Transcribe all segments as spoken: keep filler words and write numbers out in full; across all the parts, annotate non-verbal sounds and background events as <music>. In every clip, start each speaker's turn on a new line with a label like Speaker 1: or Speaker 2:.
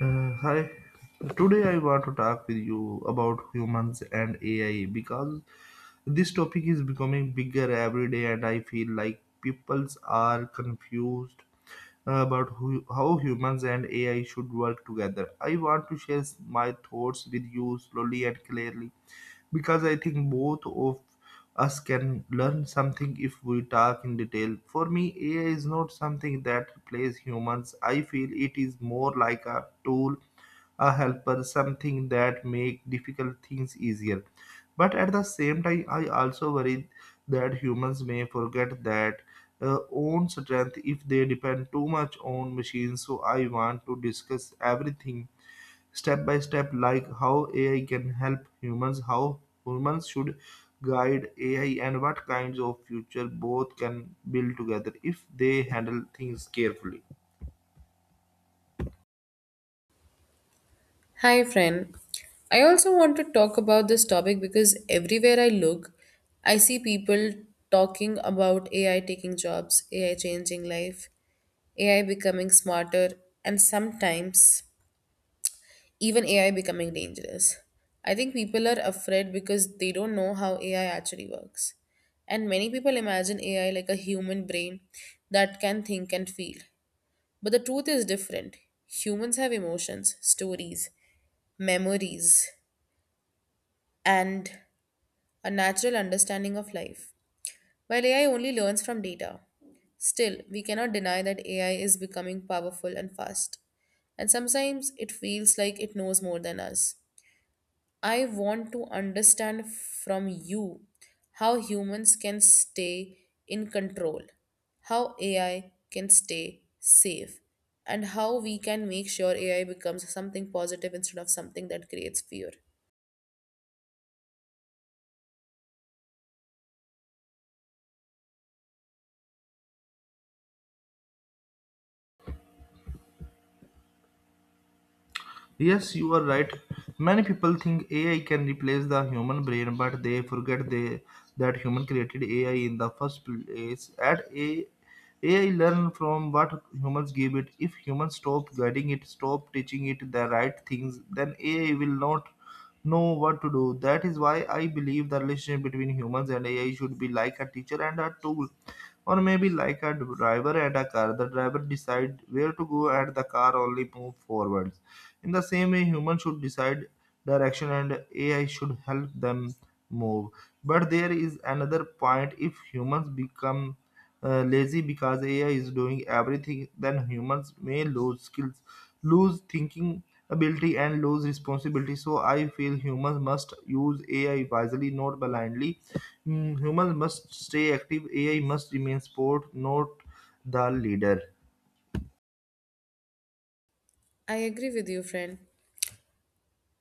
Speaker 1: Uh, hi. Today I want to talk with you about humans and A I because this topic is becoming bigger every day, and I feel like peoples are confused uh, about who, how humans and A I should work together. I want to share s- my thoughts with you slowly and clearly because I think both of us can learn something if we talk in detail. For me, A I is not something that replaces humans. I feel it is more like a tool, a helper, something that make difficult things easier, but at the same time I also worry that humans may forget that uh, own strength if they depend too much on machines. So I want to discuss everything step by step, like how AI can help humans, how humans should guide AI, and what kinds of future both can build together if they handle things carefully.
Speaker 2: Hi, friend. I also want to talk about this topic because everywhere I look, I see people talking about A I taking jobs, A I changing life, A I becoming smarter, and sometimes even A I becoming dangerous. I think people are afraid because they don't know how A I actually works. And many people imagine A I like a human brain that can think and feel. But the truth is different. Humans have emotions, stories, memories, and a natural understanding of life. While A I only learns from data, still, we cannot deny that A I is becoming powerful and fast. And sometimes it feels like it knows more than us. I want to understand from you how humans can stay in control, how A I can stay safe, and how we can make sure A I becomes something positive instead of something that creates fear.
Speaker 1: Yes, you are right. Many people think A I can replace the human brain, but they forget they, that human created A I in the first place. At A, AI learn from what humans give it. If humans stop guiding it, stop teaching it the right things, then A I will not know what to do. That is why I believe the relationship between humans and A I should be like a teacher and a tool, or maybe like a driver and a car. The driver decide where to go and the car only move forwards. In the same way, humans should decide direction and A I should help them move. But there is another point. If humans become uh, lazy because A I is doing everything, then humans may lose skills, lose thinking ability, and lose responsibility. So I feel humans must use A I wisely, not blindly. Mm, humans must stay active, A I must remain support, not the leader.
Speaker 2: I agree with you, friend.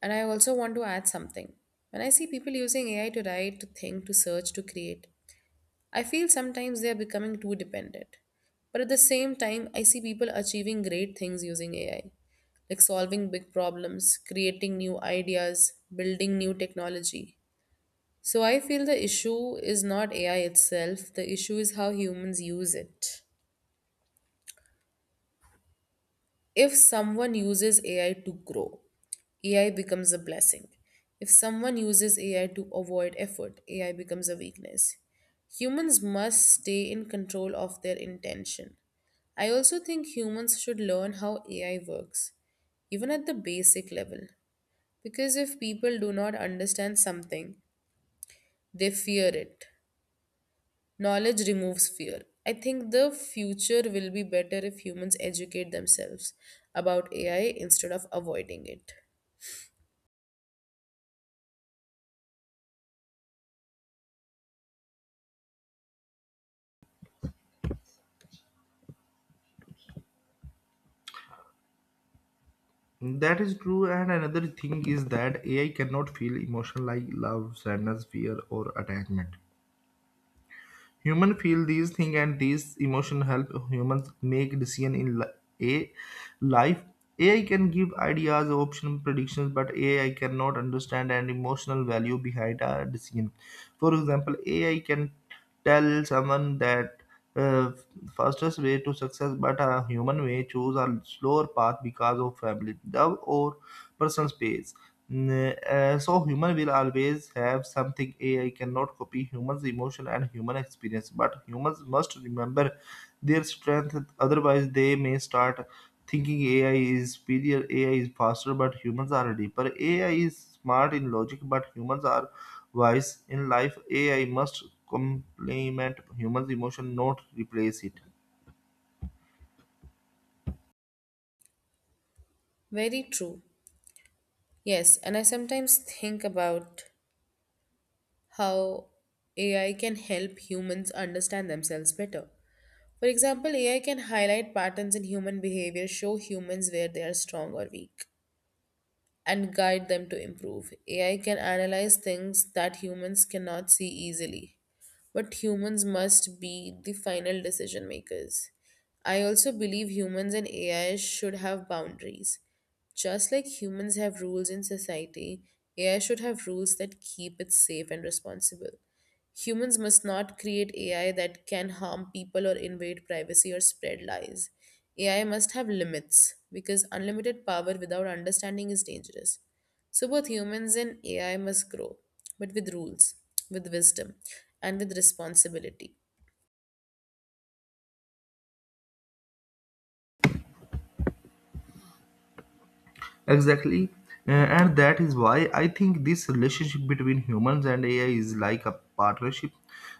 Speaker 2: And I also want to add something. When I see people using A I to write, to think, to search, to create, I feel sometimes they are becoming too dependent. But at the same time, I see people achieving great things using A I, like solving big problems, creating new ideas, building new technology. So I feel the issue is not A I itself, the issue is how humans use it. If someone uses A I to grow, A I becomes a blessing. If someone uses A I to avoid effort, A I becomes a weakness. Humans must stay in control of their intention. I also think humans should learn how A I works, even at the basic level, because if people do not understand something, they fear it. Knowledge removes fear. I think the future will be better if humans educate themselves about A I instead of avoiding it.
Speaker 1: That is true, and another thing is that A I cannot feel emotion like love, sadness, fear, or attachment. Human feel these things, and these emotion help humans make decision in li- a life. A I can give ideas, option, predictions, but A I cannot understand an emotional value behind a decision. For example, A I can tell someone that uh, fastest way to success, but a human may choose a slower path because of family, love, or personal space. Mm, uh, so human will always have something A I cannot copy, humans' emotion and human experience, but humans must remember their strength. Otherwise, they may start thinking A I is superior, A I is faster, but humans are deeper. A I is smart in logic, but humans are wise in life. A I must complement humans' emotion, not replace it.
Speaker 2: Very true. Yes, and I sometimes think about how A I can help humans understand themselves better. For example, A I can highlight patterns in human behavior, show humans where they are strong or weak and guide them to improve. A I can analyze things that humans cannot see easily, but humans must be the final decision makers. I also believe humans and A I should have boundaries. Just like humans have rules in society, A I should have rules that keep it safe and responsible. Humans must not create A I that can harm people or invade privacy or spread lies. A I must have limits because unlimited power without understanding is dangerous. So, both humans and A I must grow, but with rules, with wisdom, and with responsibility.
Speaker 1: Exactly. Uh, and that is why I think this relationship between humans and A I is like a partnership.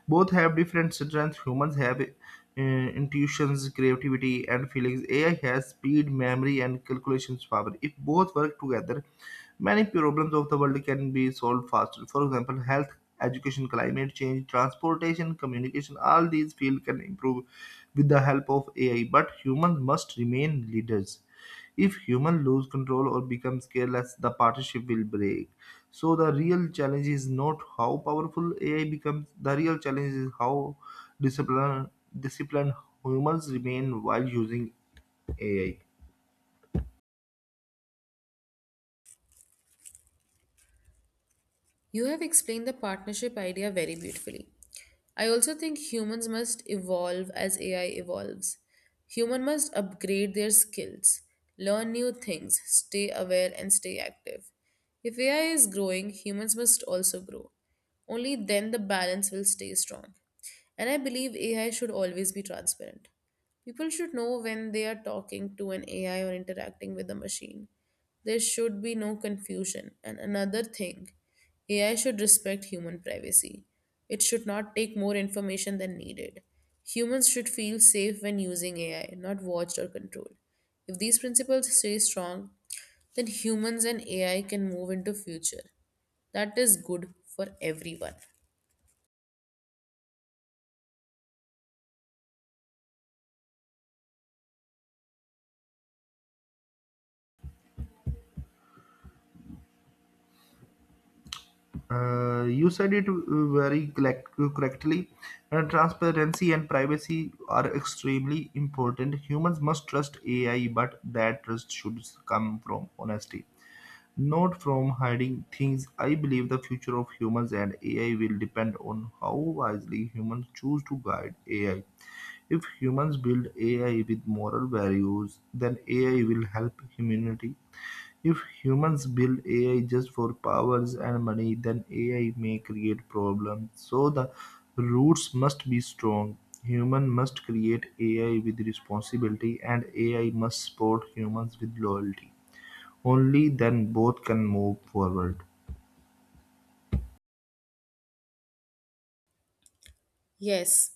Speaker 1: Both have different strengths. Humans have uh, intuitions, creativity, and feelings. A I has speed, memory, and calculations power. If both work together, many problems of the world can be solved faster. For example, health, education, climate change, transportation, communication, all these fields can improve with the help of A I. But humans must remain leaders. If human lose control or becomes careless, the partnership will break. So the real challenge is not how powerful A I becomes. The real challenge is how disciplined disciplined humans remain while using A I.
Speaker 2: You have explained the partnership idea very beautifully. I also think humans must evolve as A I evolves. Human must upgrade their skills, learn new things, stay aware and stay active. If A I is growing, humans must also grow. Only then the balance will stay strong. And I believe A I should always be transparent. People should know when they are talking to an A I or interacting with a machine. There should be no confusion. And another thing, A I should respect human privacy. It should not take more information than needed. Humans should feel safe when using A I, not watched or controlled. If these principles stay strong, then humans and A I can move into future. That is good for everyone.
Speaker 1: Uh, you said it uh, very collect- correctly. Uh, transparency and privacy are extremely important. Humans must trust A I, but that trust should come from honesty, not from hiding things. I believe the future of humans and A I will depend on how wisely humans choose to guide A I. If humans build A I with moral values, then A I will help humanity. If humans build A I just for powers and money, then A I may create problems. So the roots must be strong. Human must create A I with responsibility and A I must support humans with loyalty. Only then both can move forward.
Speaker 2: Yes,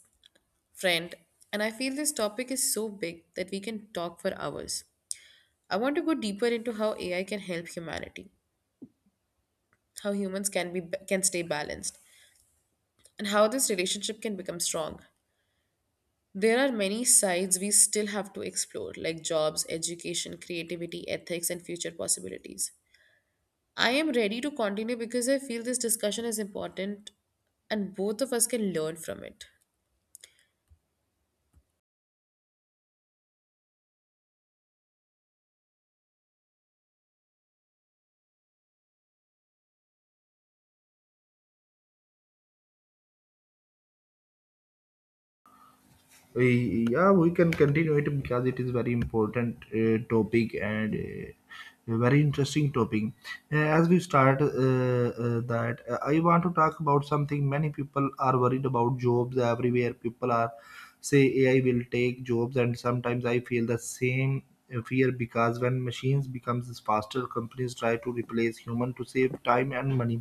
Speaker 2: friend. And I feel this topic is so big that we can talk for hours. I want to go deeper into how A I can help humanity, how humans can be can stay balanced, and how this relationship can become strong. There are many sides we still have to explore, like jobs, education, creativity, ethics, and future possibilities. I am ready to continue because I feel this discussion is important and both of us can learn from it.
Speaker 1: We- yeah we can continue it because it is very important uh, topic and uh, a very interesting topic. Uh, as we start uh, uh, that uh, I want to talk about something many people are worried about. Jobs, everywhere people are say AI will take jobs, and sometimes I feel the same uh, fear, because when machines becomes faster, companies try to replace human to save time and money.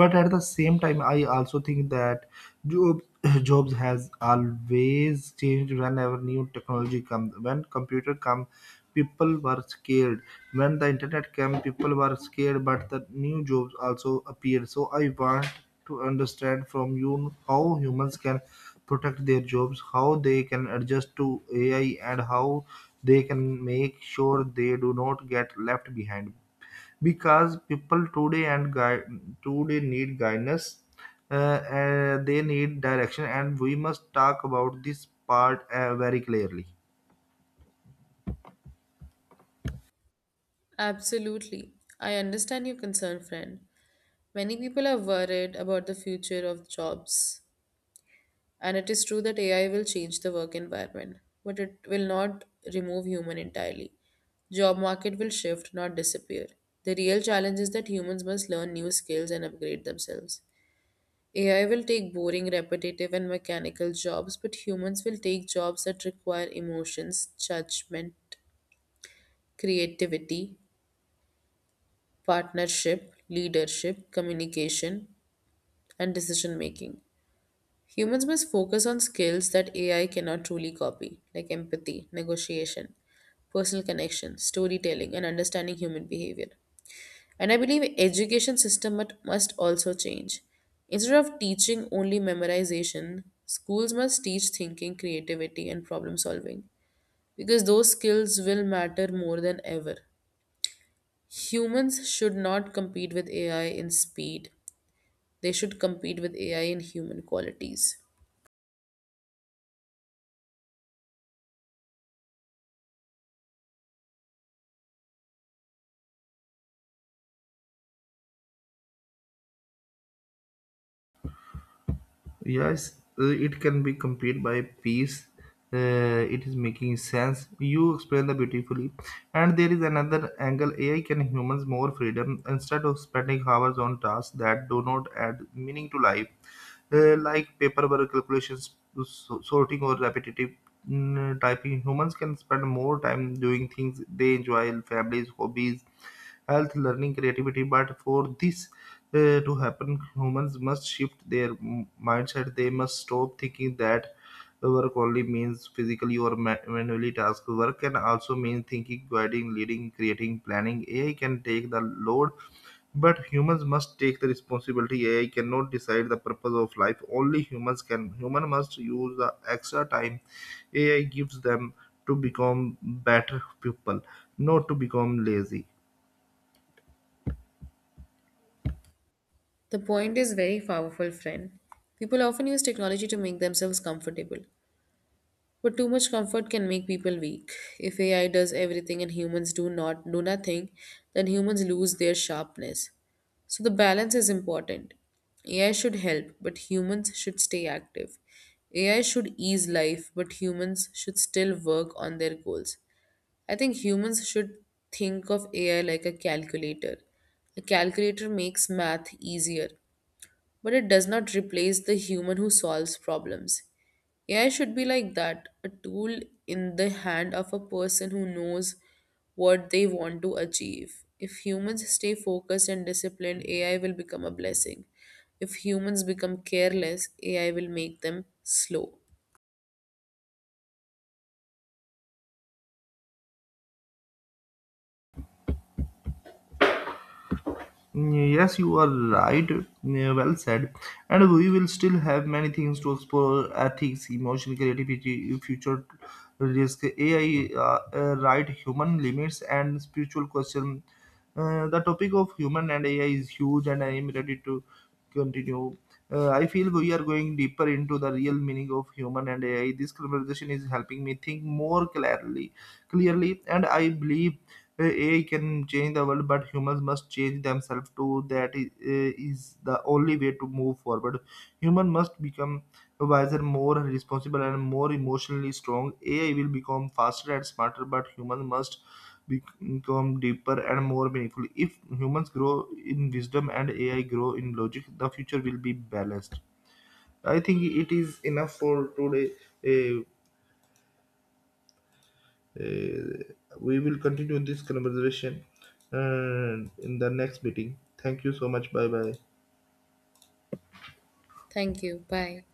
Speaker 1: But at the same time I also think that jobs <clears throat> jobs has always changed whenever new technology comes. When computer come, people were scared. When the internet came, people were scared. But the new jobs also appeared. So I want to understand from you how humans can protect their jobs, how they can adjust to A I, and how they can make sure they do not get left behind, because people today and guide today need guidance. Uh, uh, they need direction, and we must talk about this part uh, very clearly.
Speaker 2: Absolutely. I understand your concern, friend. Many people are worried about the future of jobs. And it is true that A I will change the work environment, but it will not remove human entirely. Job market will shift, not disappear. The real challenge is that humans must learn new skills and upgrade themselves. A I will take boring, repetitive, and mechanical jobs, but humans will take jobs that require emotions, judgment, creativity, partnership, leadership, communication, and decision making. Humans must focus on skills that A I cannot truly copy, like empathy, negotiation, personal connection, storytelling, and understanding human behavior. And I believe education system mut- must also change. Instead of teaching only memorization, schools must teach thinking, creativity, and problem solving because those skills will matter more than ever. Humans should not compete with A I in speed. They should compete with A I in human qualities.
Speaker 1: Yes, uh, it can be complete by piece. Uh, it is making sense. You explain that beautifully. And there is another angle. A I can humans more freedom instead of spending hours on tasks that do not add meaning to life, uh, like paperwork, calculations, so- sorting, or repetitive mm, typing. Humans can spend more time doing things they enjoy, families, hobbies, health, learning, creativity. But for this uh, to happen, humans must shift their m- mindset. They must stop thinking that work only means physically or ma- manually task. Work can also mean thinking, guiding, leading, creating, planning. A I can take the load, but humans must take the responsibility. AI cannot decide the purpose of life, only humans can. Human must use the extra time AI gives them to become better people, not to become lazy.
Speaker 2: The point is very powerful, friend. People often use technology to make themselves comfortable, but too much comfort can make people weak. If A I does everything and humans do not do nothing, then humans lose their sharpness. So the balance is important. A I should help, but humans should stay active. A I should ease life, but humans should still work on their goals. I think humans should think of A I like a calculator. A calculator makes math easier, but it does not replace the human who solves problems. A I should be like that a tool in the hand of a person who knows what they want to achieve. If humans stay focused and disciplined, A I will become a blessing. If humans become careless, A I will make them slow.
Speaker 1: Yes, you are right. Yeah, well said. And we will still have many things to explore, ethics, emotion, creativity, future risk, A I, uh, uh, right, human limits, and spiritual question. Uh, the topic of human and A I is huge, and I am ready to continue. Uh, I feel we are going deeper into the real meaning of human and A I. This conversation is helping me think more clearly, clearly, and I believe uh, A I can change the world, but humans must change themselves too. That is, uh, is the only way to move forward. Human must become wiser, more responsible, and more emotionally strong. A I will become faster and smarter, but human must become deeper and more meaningful. If humans grow in wisdom and A I grow in logic, the future will be balanced. I think it is enough for today. Uh, uh, we will continue this conversation uh, in the next meeting. Thank you so much. Bye bye.
Speaker 2: Thank you. Bye.